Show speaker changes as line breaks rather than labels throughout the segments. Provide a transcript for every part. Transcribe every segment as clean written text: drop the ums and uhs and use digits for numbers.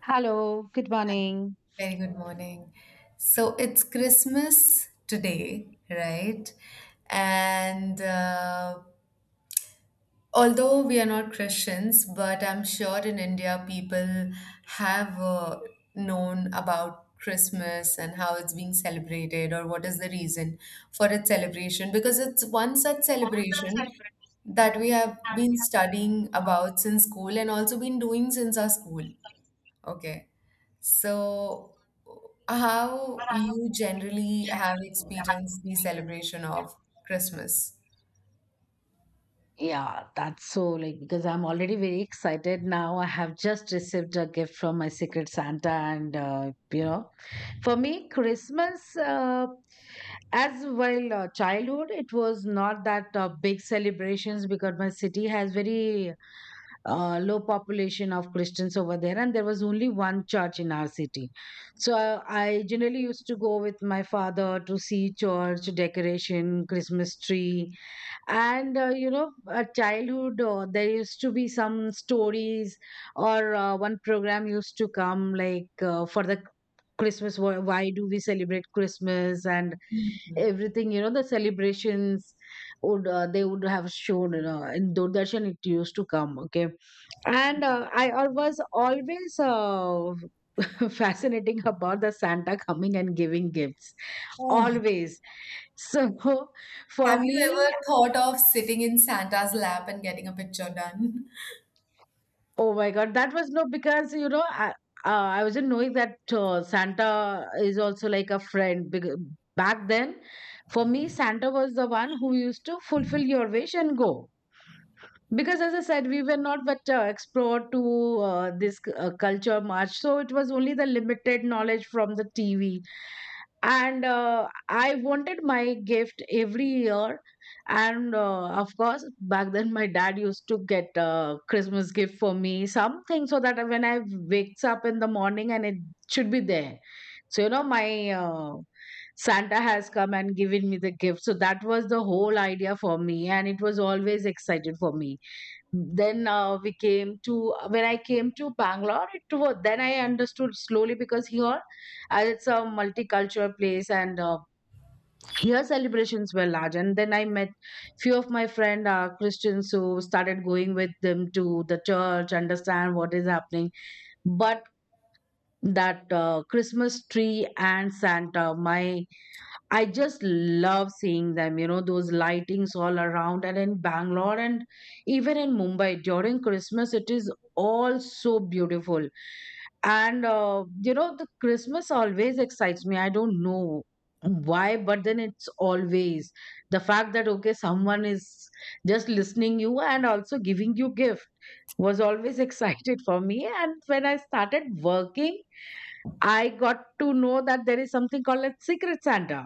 Hello, good morning.
Very good morning. So it's Christmas today, right? And although we are not Christians, but I'm sure in India people have known about Christmas and how it's being celebrated or what is the reason for its celebration because it's one such celebration that we have been studying about since school and also been doing since our school. Okay. So, how you generally have experienced the celebration of Christmas?
Yeah, that's so like because I'm already very excited now. I have just received a gift from my secret Santa, and you know, for me, Christmas as well childhood, it was not that big celebrations because my city has very low population of Christians over there, and there was only one church in our city. So I generally used to go with my father to see church decoration, Christmas tree, and you know, at childhood there used to be some stories, or one program used to come like for the Christmas. Why do we celebrate Christmas and
Mhm.
everything? You know, the celebrations would they would have shown in Doordarshan. It used to come. Okay, and was always fascinating about the santa coming and giving gifts
Oh,
always, so for
have you
me,
ever thought of sitting in Santa's lap and getting a picture done?
oh my god, that was no because I wasn't knowing that santa is also like a friend because back then, for me santa was the one who used to fulfill your wish and go because as I said we were not but explored to this culture much, so it was only the limited knowledge from the tv, and I wanted my gift every year, and of course back then my dad used to get a christmas gift for me, something so that when I wakes up in the morning and it should be there. So you know my uh, Santa has come and given me the gift. So that was the whole idea for me, and it was always excited for me. Then we came to when I came to bangalore, it was then I understood slowly because here, as it's a multicultural place, and here celebrations were large, and then I met few of my friend christians, who started going with them to the church, understand what is happening. But that christmas tree and santa, my I just love seeing them, you know, those lightings all around. And in Bangalore and even in Mumbai during Christmas, it is all so beautiful. And you know, the Christmas always excites me. I don't know why, but then it's always the fact that, okay, someone is just listening you and also giving you gift was always excited for me. And when I started working, I got to know that there is something called a secret Santa.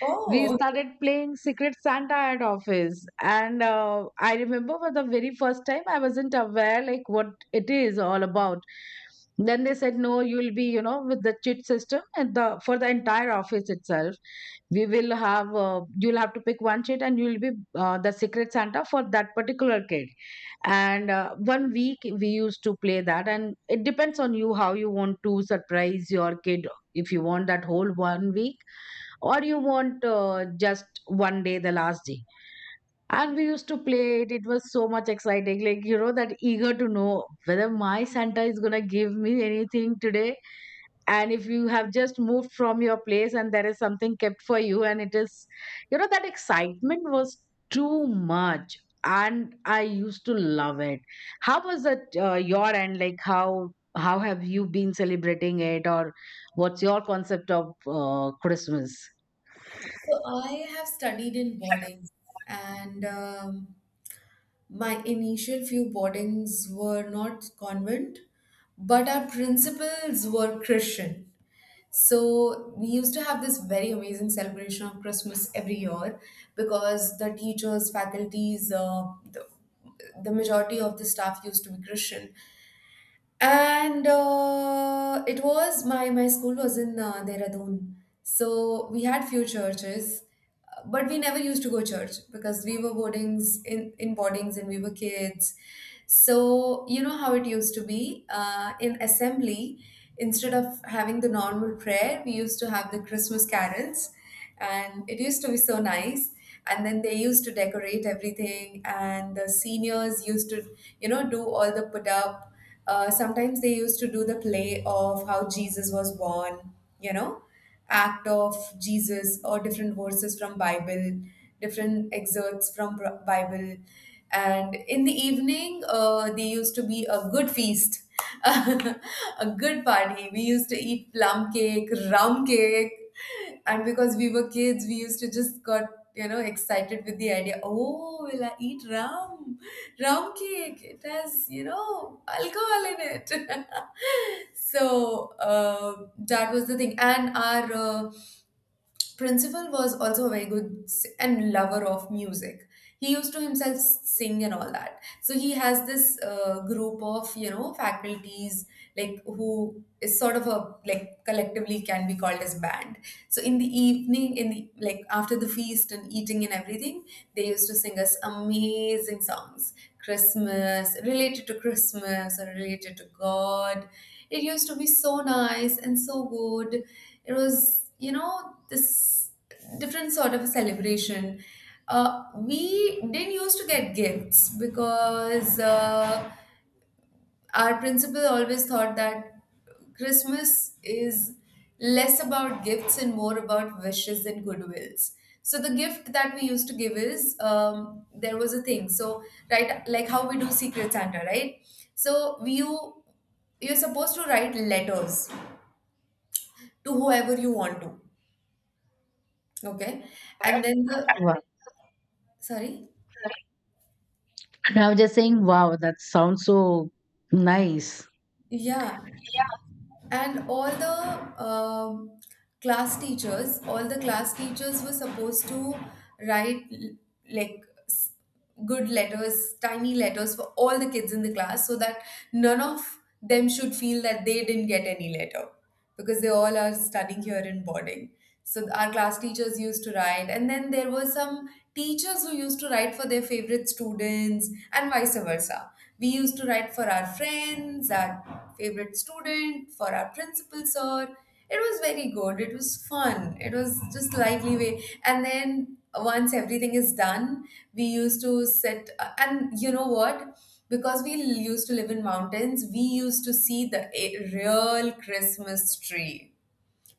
We
Oh.
started playing Secret Santa at office, and I remember for the very first time I wasn't aware like what it is all about. Then they said, "No, you'll be, you know, with the chit system and the for the entire office itself. We will have you'll have to pick one chit and you'll be the Secret Santa for that particular kid." And one week we used to play that, and it depends on you how you want to surprise your kid. If you want that whole one week, or you want just one day, the last day. And we used to play it. It was so much exciting, like you know, that eager to know whether my santa is gonna give me anything today. And if you have just moved from your place and there is something kept for you, and it is, you know, that excitement was too much, and I used to love it. How was that your end, like how have you been celebrating it, or what's your concept of christmas?
So I have studied in boardings, and my initial few boardings were not convent, but our principals were Christian. So we used to have this very amazing celebration of Christmas every year because the teachers, faculties, the majority of the staff used to be Christian and it was my school was in Dehradun, so we had few churches, but we never used to go church because we were boardings in boardings and we were kids. So you know how it used to be in assembly. Instead of having the normal prayer, we used to have the Christmas carols, and it used to be so nice. And then they used to decorate everything and the seniors used to, you know, do all the put up. Sometimes they used to do the play of how Jesus was born, you know, act of Jesus or different verses from Bible, different excerpts from Bible. And in the evening there used to be a good feast, a good party. We used to eat plum cake, rum cake, and because we were kids, we used to just got, you know, excited with the idea. Oh, will I eat rum? Rum cake. It has, you know, alcohol in it. So that was the thing, and our principal was also a very good s- and lover of music. He used to himself sing and all that. So he has this group of, you know, faculties like who is sort of a like collectively can be called as band. So in the evening, in the like after the feast and eating and everything, they used to sing us amazing songs, Christmas related to Christmas or related to God. It used to be so nice and so good. It was, you know, this different sort of a celebration. We didn't used to get gifts because our principal always thought that Christmas is less about gifts and more about wishes and goodwills. So the gift that we used to give is, there was a thing, so right, like how we do secret Santa, right? So you, you're supposed to write letters to whoever you want to. Okay. And then the,
Wow.
sorry.
And I was just saying, wow, that sounds so nice.
Yeah. And all the class teachers, all the class teachers were supposed to write like s- good letters, tiny letters for all the kids in the class so that none of them should feel that they didn't get any letter because they all are studying here in boarding. So our class teachers used to write, and then there were some teachers who used to write for their favorite students, and vice versa. We used to write for our friends, our favorite student, for our principal sir. It was very good. It was fun. It was just lively way. And then once everything is done, we used to sit. And you know what? Because we used to live in mountains, we used to see the real Christmas tree,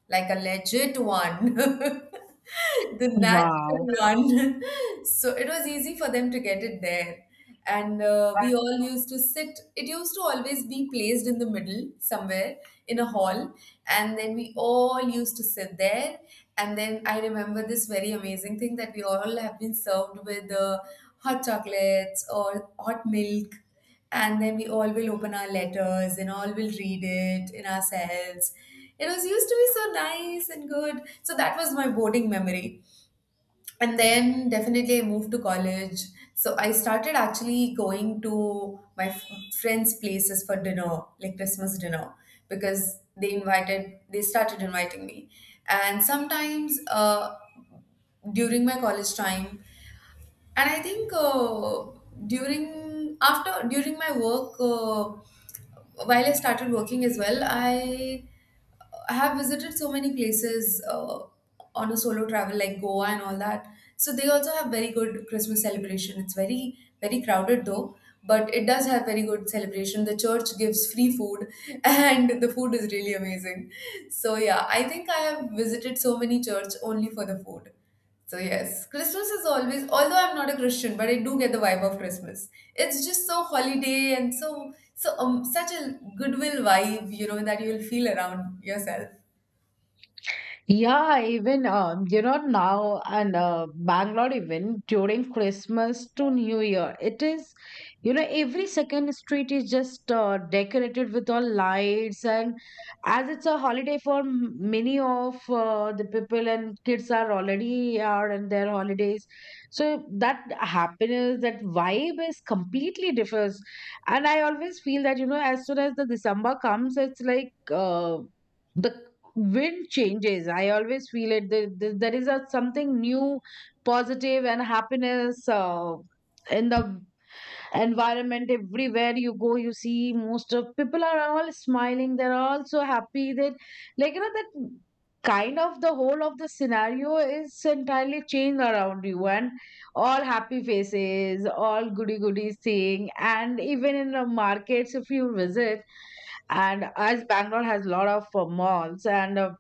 like a legit one, the
Wow.
natural one. So it was easy for them to get it there. And we all used to sit, it used to always be placed in the middle somewhere in a hall. And then we all used to sit there. And then I remember this very amazing thing that we all have been served with hot chocolates or hot milk, and then we all will open our letters and all will read it in ourselves. It was used to be so nice and good. So that was my boarding memory. And then definitely I moved to college. So I started actually going to my friends' places for dinner, like Christmas dinner, because they invited, they started inviting me. And sometimes during my college time, and I think during during my work, while I started working as well, I have visited so many places on a solo travel, like Goa and all that. So they also have very good Christmas celebration. It's very, very crowded though, but it does have very good celebration. The church gives free food and the food is really amazing. So yeah, I think I have visited so many church only for the food. So yes, Christmas is always, although I'm not a Christian, but I do get the vibe of Christmas. It's just so holiday and so such a goodwill vibe, you know, that you'll feel around yourself.
Yeah, even you know now, and Bangalore, even during Christmas to New Year, it is, you know, every second street is just decorated with all lights. And as it's a holiday for many of the people, and kids are already out in their holidays, so that happiness, that vibe is completely differs. And I always feel that, you know, as soon as the December comes, it's like the wind changes. I always feel it. There is a something new, positive and happiness in the environment. Everywhere you go, you see most of people are all smiling, they're all so happy that, like you know, that kind of the whole of the scenario is entirely changed around you. And all happy faces, all goody goody saying. And even in the markets, if you visit, and as bangalore has a lot of malls, and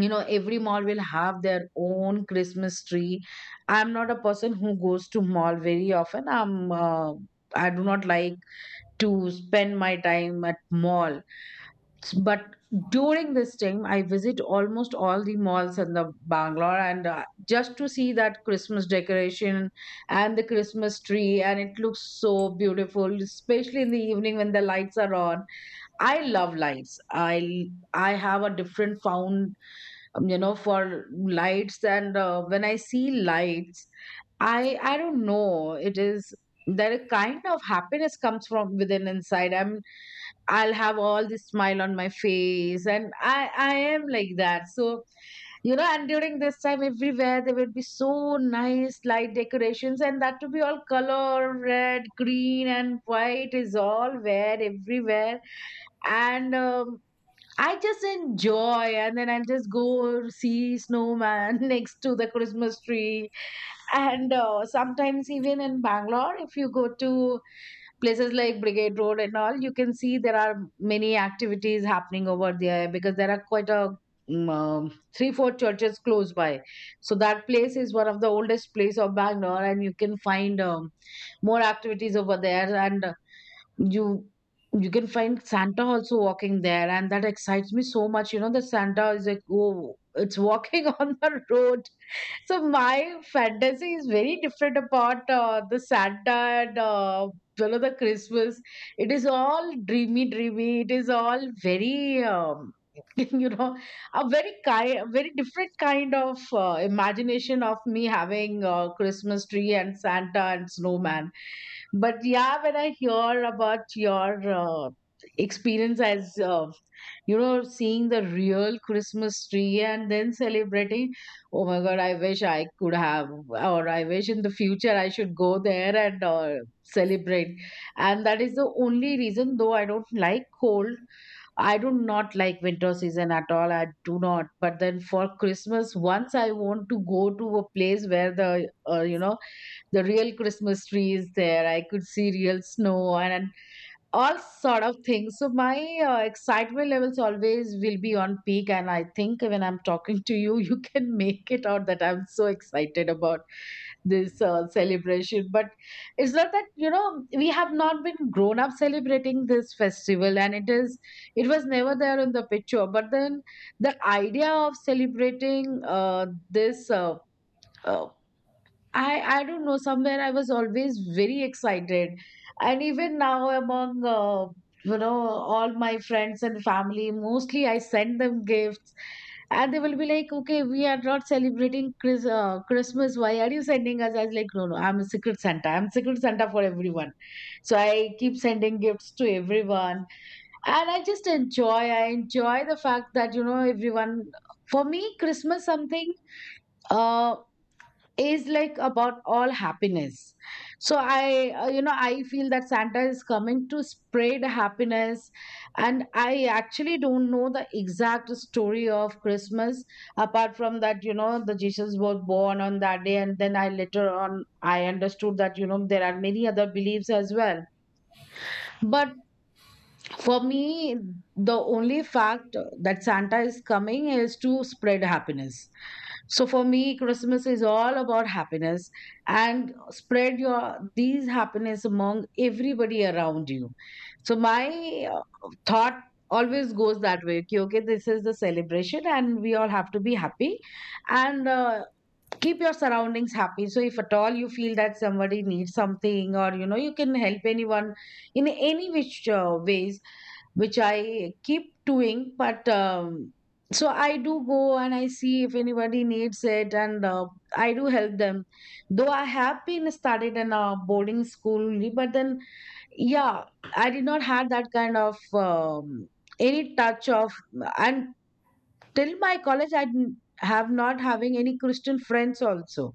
you know, every mall will have their own christmas tree. I'm not a person who goes to mall very often. I do not like to spend my time at mall, but during this time I visit almost all the malls in the bangalore, and just to see that christmas decoration and the christmas tree, and it looks so beautiful, especially in the evening when the lights are on. I love lights. I have a different found, you know, for lights. And when I see lights, i don't know, it is that a kind of happiness comes from within inside. I'll have all this smile on my face, and i am like that. So you know, and during this time, everywhere there would be so nice light decorations, and that to be all color red green and white, is all where everywhere. And I just enjoy, and then I'll just go see snowman next to the Christmas tree. And sometimes even in Bangalore, if you go to places like Brigade Road and all, you can see there are many activities happening over there, because there are quite a mm, um, three four churches close by. So that place is one of the oldest place of bangalore, and you can find, more activities over there. And you you can find santa also walking there, and that excites me so much. You know that santa is like, oh, it's walking on the road. So my fantasy is very different about the Santa and you know, the Christmas. It is all dreamy, dreamy. It is all very you know, a very kind, very different kind of imagination of me having Christmas tree and Santa and snowman. But yeah, when I hear about your experience as you know, seeing the real Christmas tree and then celebrating, oh my God, I wish I could have, or I wish in the future I should go there and celebrate. And that is the only reason, though I don't like cold, I do not like winter season at all. I do not. But then for Christmas, once I want to go to a place where the, you know, the real Christmas tree is there, I could see real snow, and all sort of things. So my excitement levels always will be on peak. And I think when I'm talking to you, you can make it out that I'm so excited about this celebration. But it's not that, you know, we have not been grown up celebrating this festival, and it is, it was never there in the picture, but then the idea of celebrating this uh, I don't know. Somewhere I was always very excited, and even now among you know, all my friends and family, mostly I send them gifts, and they will be like, "Okay, we are not celebrating Chris, Christmas. Why are you sending us?" I was like, "No, no, I'm a secret Santa. I'm secret Santa for everyone." So I keep sending gifts to everyone, and I just enjoy. I enjoy the fact that, you know, everyone. For me, Christmas something uh is like about all happiness. So i you know, I feel that santa is coming to spread happiness. And I actually don't know the exact story of christmas, apart from that, you know, the jesus was born on that day. And then I later on I understood that, you know, there are many other beliefs as well. But for me, the only fact that santa is coming is to spread happiness. So for me, Christmas is all about happiness, and spread your these happiness among everybody around you. So my thought always goes that way. कि, Okay, this is the celebration, and we all have to be happy, and keep your surroundings happy. So if at all you feel that somebody needs something, or you know, you can help anyone in any which ways, which I keep doing. But so I do go and I see if anybody needs it, and I do help them. Though I have been studied in a boarding school, only, but then yeah, I did not have that kind of any touch of, and till my college I didn't have, not having any Christian friends also,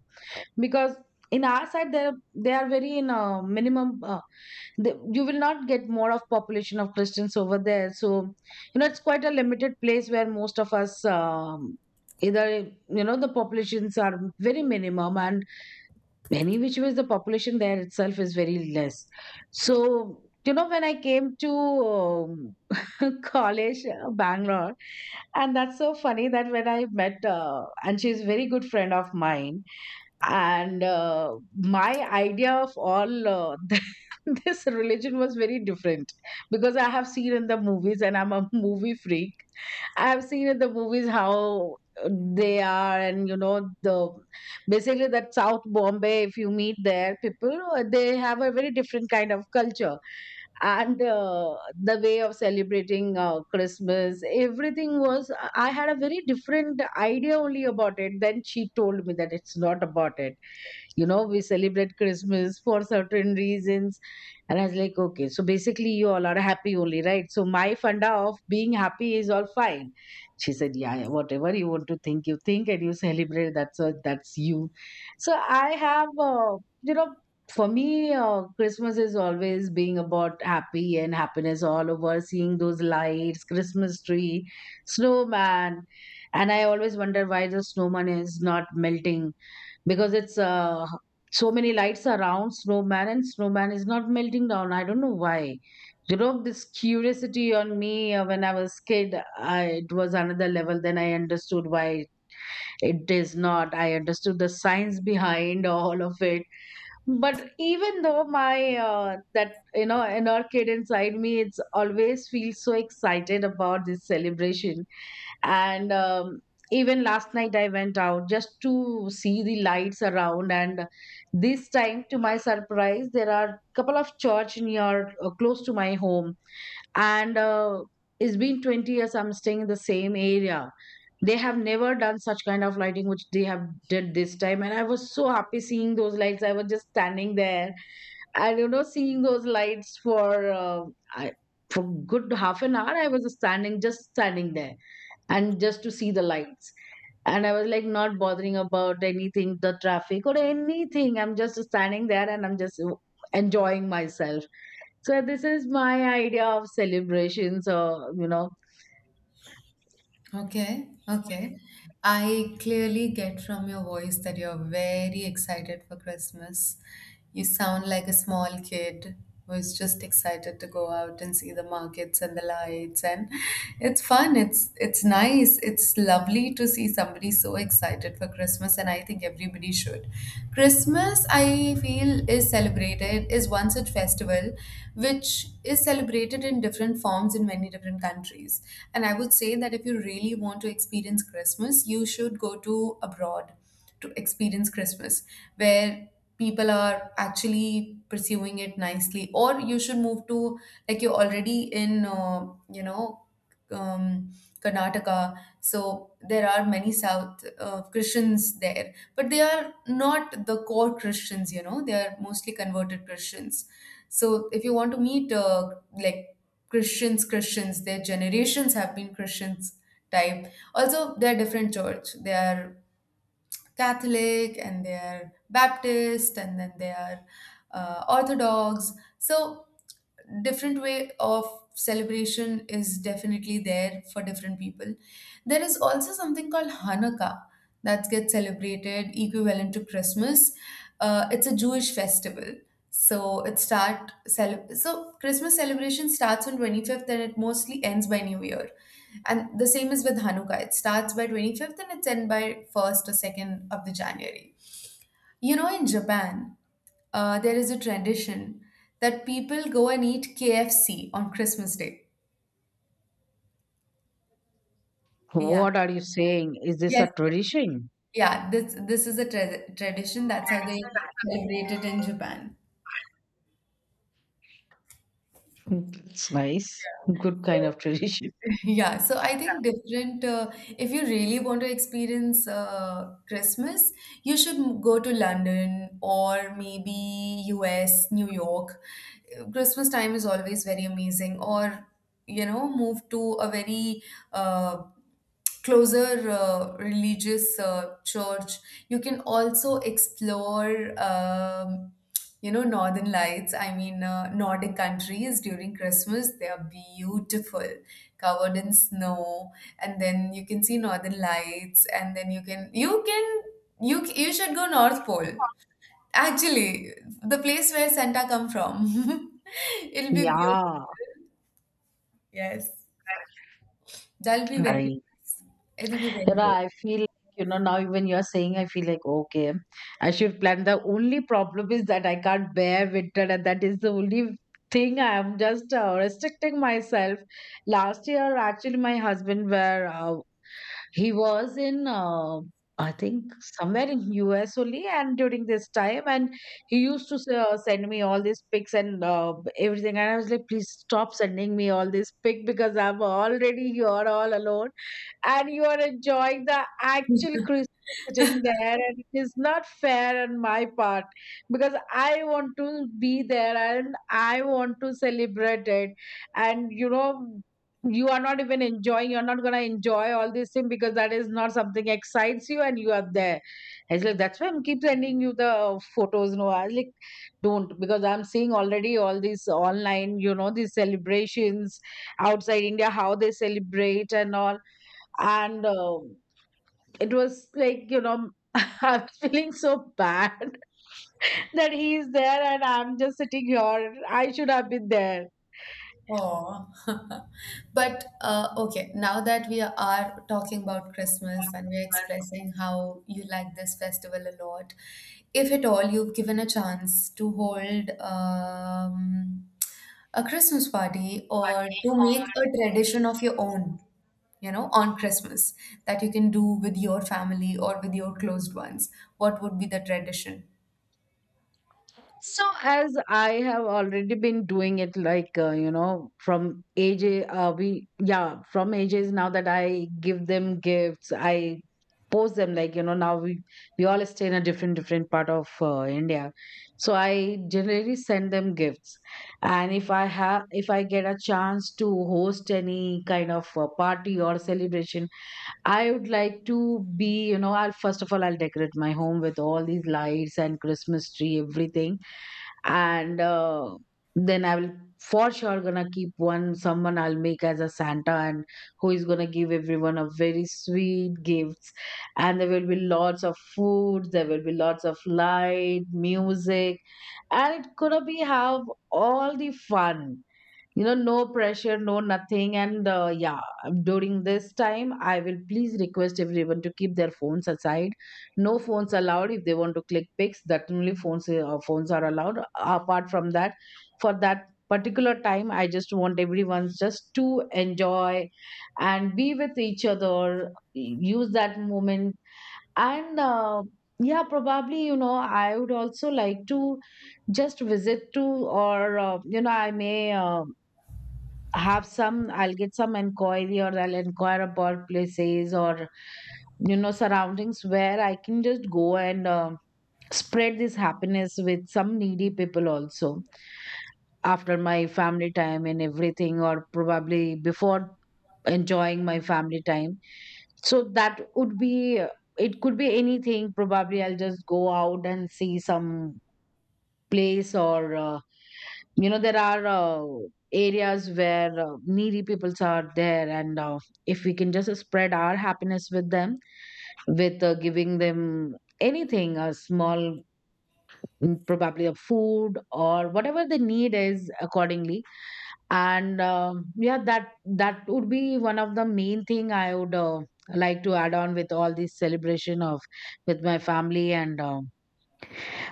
because in our side there they are very in a minimum. You will not get more of population of christians over there. So you know it's quite a limited place where most of us, either you know the populations are very minimum, and many which ways the population there itself is very less. So you know when I came to um, college, Bangalore, and that's so funny that when I met, and she's a very good friend of mine, and my idea of all, this religion was very different, because I have seen in the movies and I'm a movie freak. I have seen in the movies how uh, they are, and you know, the basically that South Bombay, if you meet there people, they have a very different kind of culture. And the way of celebrating Christmas, everything was, I had a very different idea only about it. Then she told me that it's not about it, you know we celebrate Christmas for certain reasons. And I was like, okay, so basically you all are happy only, right? So my funda of being happy is all fine. She said, yeah, yeah, whatever you want to think, you think, and you celebrate, that's all, that's you. So I have, you know, for me, Christmas is always being about happy and happiness all over, seeing those lights, Christmas tree, snowman. And I always wonder why the snowman is not melting, because it's, so many lights around snowman, and snowman is not melting down, I don't know why. You know this curiosity on me, when I was kid, it was another level. Then I understood why it is not, I understood the science behind all of it. But even though my, that you know inner kid inside me, it's always feels so excited about this celebration. And even last night I went out just to see the lights around. And this time to my surprise, there are couple of church near, close to my home. And it's been 20 years I'm staying in the same area. They have never done such kind of lighting which they have did this time, and I was so happy seeing those lights, I was just standing there. And you know, seeing those lights for, I, for good half an hour I was standing, just standing there, and just to see the lights. And I was like not bothering about anything, the traffic or anything. I'm just standing there and I'm just enjoying myself. So this is my idea of celebrations. Or you know,
Okay, okay. I clearly get from your voice that you're very excited for Christmas. You sound like a small kid who's just excited to go out and see the markets and the lights, and it's fun. It's nice. It's lovely to see somebody so excited for Christmas, and I think everybody should. Christmas, I feel, is celebrated, is one such festival which is celebrated in different forms in many different countries. And I would say that if you really want to experience Christmas, you should go to abroad to experience Christmas, where people are actually pursuing it nicely. Or you should move to, like, you're already in, um, Karnataka. So there are many South Christians there, but they are not the core Christians, you know, they are mostly converted Christians. So if you want to meet like Christians, Christians, their generations have been Christians type. Also, they are different church. They are Catholic and they are Baptist, and then they are Orthodox. So different way of celebration is definitely there for different people. There is also something called Hanukkah that gets celebrated equivalent to Christmas. It's a Jewish festival. So Christmas celebration starts on 25th and it mostly ends by New Year. And the same is with Hanukkah. It starts by 25th and it's end by 1st or 2nd of the January. You know, in Japan, there is a tradition that people go and eat KFC on Christmas Day. Yeah.
what are you saying? Is this a
Yes. Yes.
tradition?
Yeah. This, this is a tradition. That's how they celebrate it in Japan.
It's nice, good kind
So
of tradition.
Yeah, so I think different. If you really want to experience Christmas, you should go to London or maybe US, New York. Christmas time is always very amazing. Or, you know, move to a very uh, closer religious church. You can also explore, you know, northern lights, I mean, Nordic countries during Christmas, they are beautiful, covered in snow, and then you can see northern lights, and then you you should go north pole, actually, the place where Santa come from. It'll be beautiful.
Yeah,
Yes, that'll be very,
I
it'll be
You
very
know,
good.
I feel like, you know, now even you're saying, I feel like, okay, I should plan. The only problem is that I can't bear winter, and that is the only thing I am just restricting myself. Last year, actually, my husband were he was in, I think somewhere in US only, and during this time, and he used to send me all these pics and everything, and I was like, please stop sending me all these pic, because I'm already here all alone, and you are enjoying the actual Christmas sitting there, and it is not fair on my part, because I want to be there and I want to celebrate it. And you know, you are not even enjoying, you're not going to enjoy all this thing, because that is not something excites you, and you are there. I was like, that's why I'm keep sending you the photos. No, I was like, don't, because I'm seeing already all these online, you know, these celebrations outside India, how they celebrate and all. And it was like, you know, I was feeling so bad that he's there and I'm just sitting here, I should have been there.
Oh, but okay, now that we are talking about Christmas and we're expressing how you like this festival a lot, if at all you've given a chance to hold a Christmas party or to make a tradition of your own, you know, on Christmas that you can do with your family or with your closed ones, what would be the tradition?
So, as I have already been doing it, like, you know, from AJ, yeah, from AJs, now that I give them gifts, I post them, like, you know, we all stay in a different, different part of India. So, I generally send them gifts. And if I get a chance to host any kind of party or celebration, I would like to be, you know, I'll first of all I'll decorate my home with all these lights and Christmas tree, everything, and then I will for sure gonna keep one, someone I'll make as a Santa, and who is gonna give everyone a very sweet gifts. And there will be lots of food, there will be lots of light, music, and it gonna be have all the fun, you know, no pressure, no nothing. And yeah, during this time I will please request everyone to keep their phones aside. No phones allowed. If they want to click pics, that only phones are allowed, apart from that. For that particular time, I just want everyone just to enjoy and be with each other, use that moment. And yeah, probably, you know, I would also like to just visit to, or you know, I may, have some, I'll get some inquiry, or I'll inquire about places, or you know, surroundings where I can just go and spread this happiness with some needy people also, after my family time and everything, or probably before enjoying my family time. So that would be, it could be anything. Probably I'll just go out and see some place, or you know, there are areas where needy peoples are there. And if we can just spread our happiness with them, with giving them anything, a small, mm, probably a food or whatever the need is accordingly. And um, yeah, that would be one of the main thing I would, like to add on with all this celebration of, with my family. And um,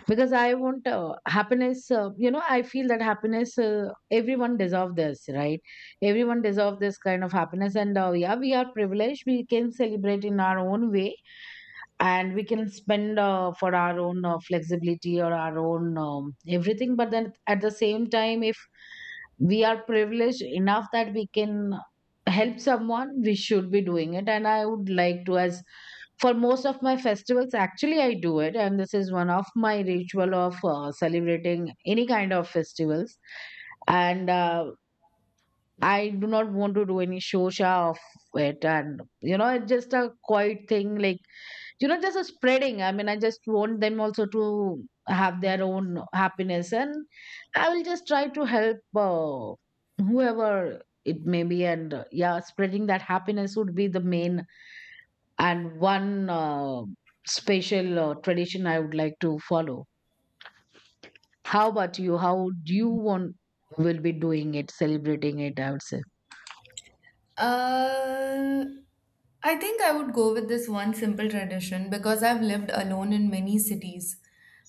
because I want, happiness, you know, I feel that happiness, everyone deserve this, right? Everyone deserve this kind of happiness. And yeah, we are privileged, we can celebrate in our own way, and we can spend for our own flexibility or our own, everything. But then at the same time, if we are privileged enough that we can help someone, we should be doing it, and I would like to. As for most of my festivals, actually, I do it, and this is one of my ritual of celebrating any kind of festivals. And I do not want to do any shosha of it, and you know it's just a quiet thing, like, you know, just a spreading, I mean, I just want them also to have their own happiness. And I will just try to help, whoever it may be. And yeah, spreading that happiness would be the main and one, special, tradition I would like to follow. How about you? How do you want, will be doing it, celebrating it, I would say.
Uh, I think I would go with this one simple tradition because I've lived alone in many cities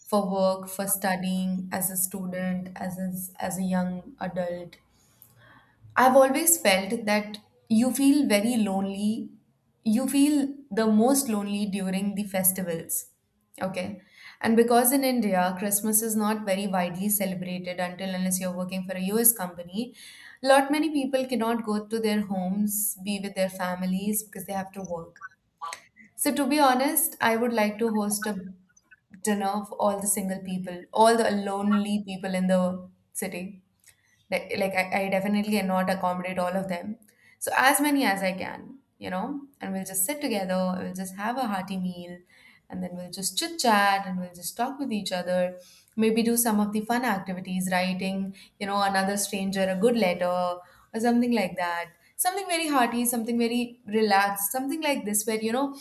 for work, for studying, as a student, as a young adult. I've always felt that you feel very lonely. You feel the most lonely during the festivals. Okay. And because in India, Christmas is not very widely celebrated until unless you're working for a US company, lot many people cannot go to their homes, be with their families because they have to work. So to be honest, I would like to host a dinner of all the single people, all the lonely people in the city. Like, I definitely cannot accommodate all of them. So as many as I can, you know, and we'll just sit together, we'll just have a hearty meal, and then we'll just chit chat, and we'll just talk with each other. Maybe do some of the fun activities, writing, you know, another stranger a good letter or something like that. Something very hearty, something very relaxed, something like this, where, you know,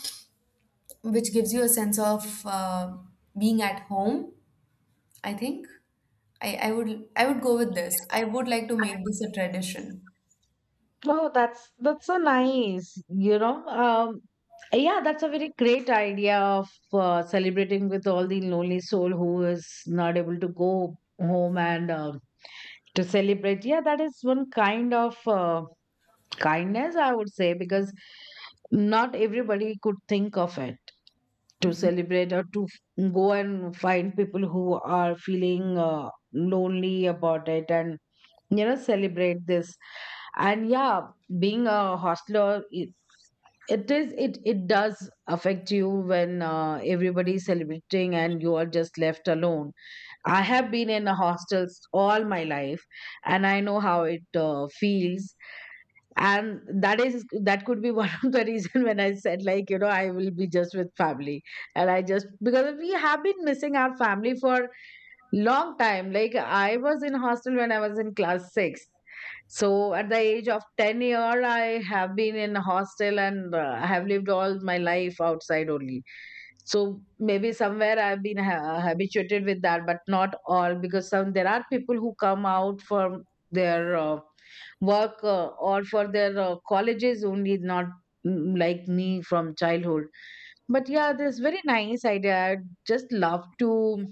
which gives you a sense of being at home. I think I would go with this. I would like to make this a tradition.
Oh, that's so nice, you know. Yeah, that's a very great idea of celebrating with all the lonely soul who is not able to go home and to celebrate. Yeah, that is one kind of kindness, I would say, because not everybody could think of it to celebrate, or to go and find people who are feeling lonely about it, and you know, celebrate this. And yeah, being a hostler, it is, it does affect you when everybody is celebrating and you are just left alone. I have been in a hostels all my life, and I know how it feels. And that is, that could be one of the reason when I said, like, you know, I will be just with family. And I just, because we have been missing our family for long time. Like I was in hostel when I was in class 6. So at the age of 10 year, I have been in a hostel, and I have lived all my life outside only. So maybe somewhere I've been habituated with that, but not all, because some, there are people who come out for their, work or for their, colleges only, not, mm, like me from childhood. But yeah, this very nice idea. I just love to.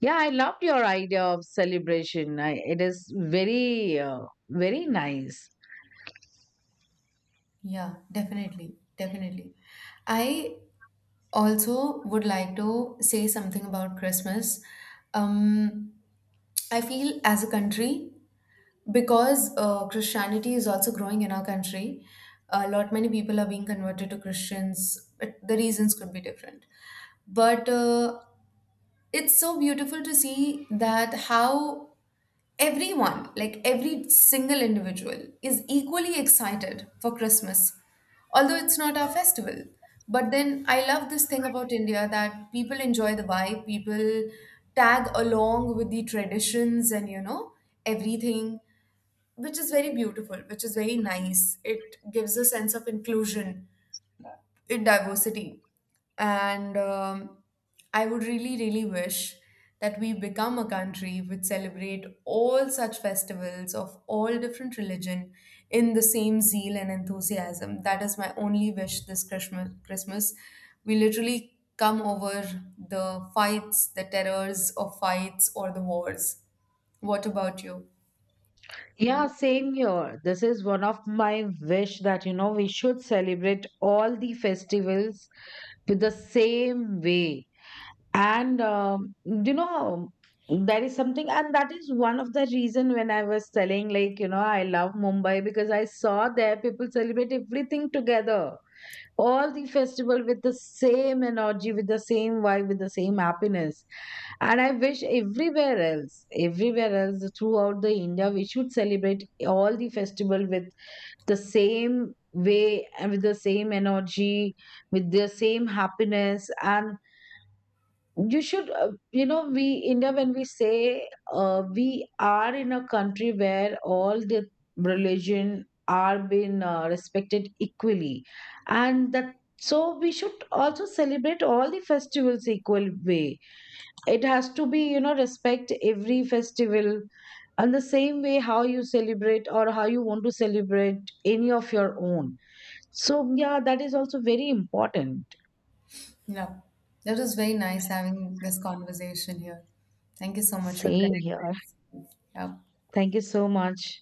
Yeah, I loved your idea of celebration. I, it is very, very nice.
Yeah, definitely. Definitely. I also would like to say something about Christmas. Um, I feel as a country, because Christianity is also growing in our country, a lot many people are being converted to Christians. But the reasons could be different. But it's so beautiful to see that how everyone, like every single individual, is equally excited for Christmas, although it's not our festival. But then I love this thing about India that people enjoy the vibe, people tag along with the traditions and, you know, everything, which is very beautiful, which is very nice. It gives a sense of inclusion in diversity. And I would really, really wish that we become a country which celebrate all such festivals of all different religion in the same zeal and enthusiasm. That is my only wish this Christmas. Christmas. We literally come over the fights, the terrors of fights or the wars. What about you?
Yeah, same here. This is one of my wish that, you know, we should celebrate all the festivals with the same way. And, you know, there is something, and that is one of the reason when I was telling, like, you know, I love Mumbai because I saw there people celebrate everything together, all the festival with the same energy, with the same vibe, with the same happiness. And I wish everywhere else throughout the India, we should celebrate all the festival with the same way and with the same energy, with the same happiness. And you should, you know, we india, when we say, we are in a country where all the religion are being, respected equally. And that, so we should also celebrate all the festivals equal way. It has to be, you know, respect every festival, and the same way how you celebrate or how you want to celebrate any of your own. So yeah, that is also very important.
Yeah. That was very nice having this conversation here. Thank you so much. We'll
Same
connect
here.
very soon. Yeah.
Thank you so much.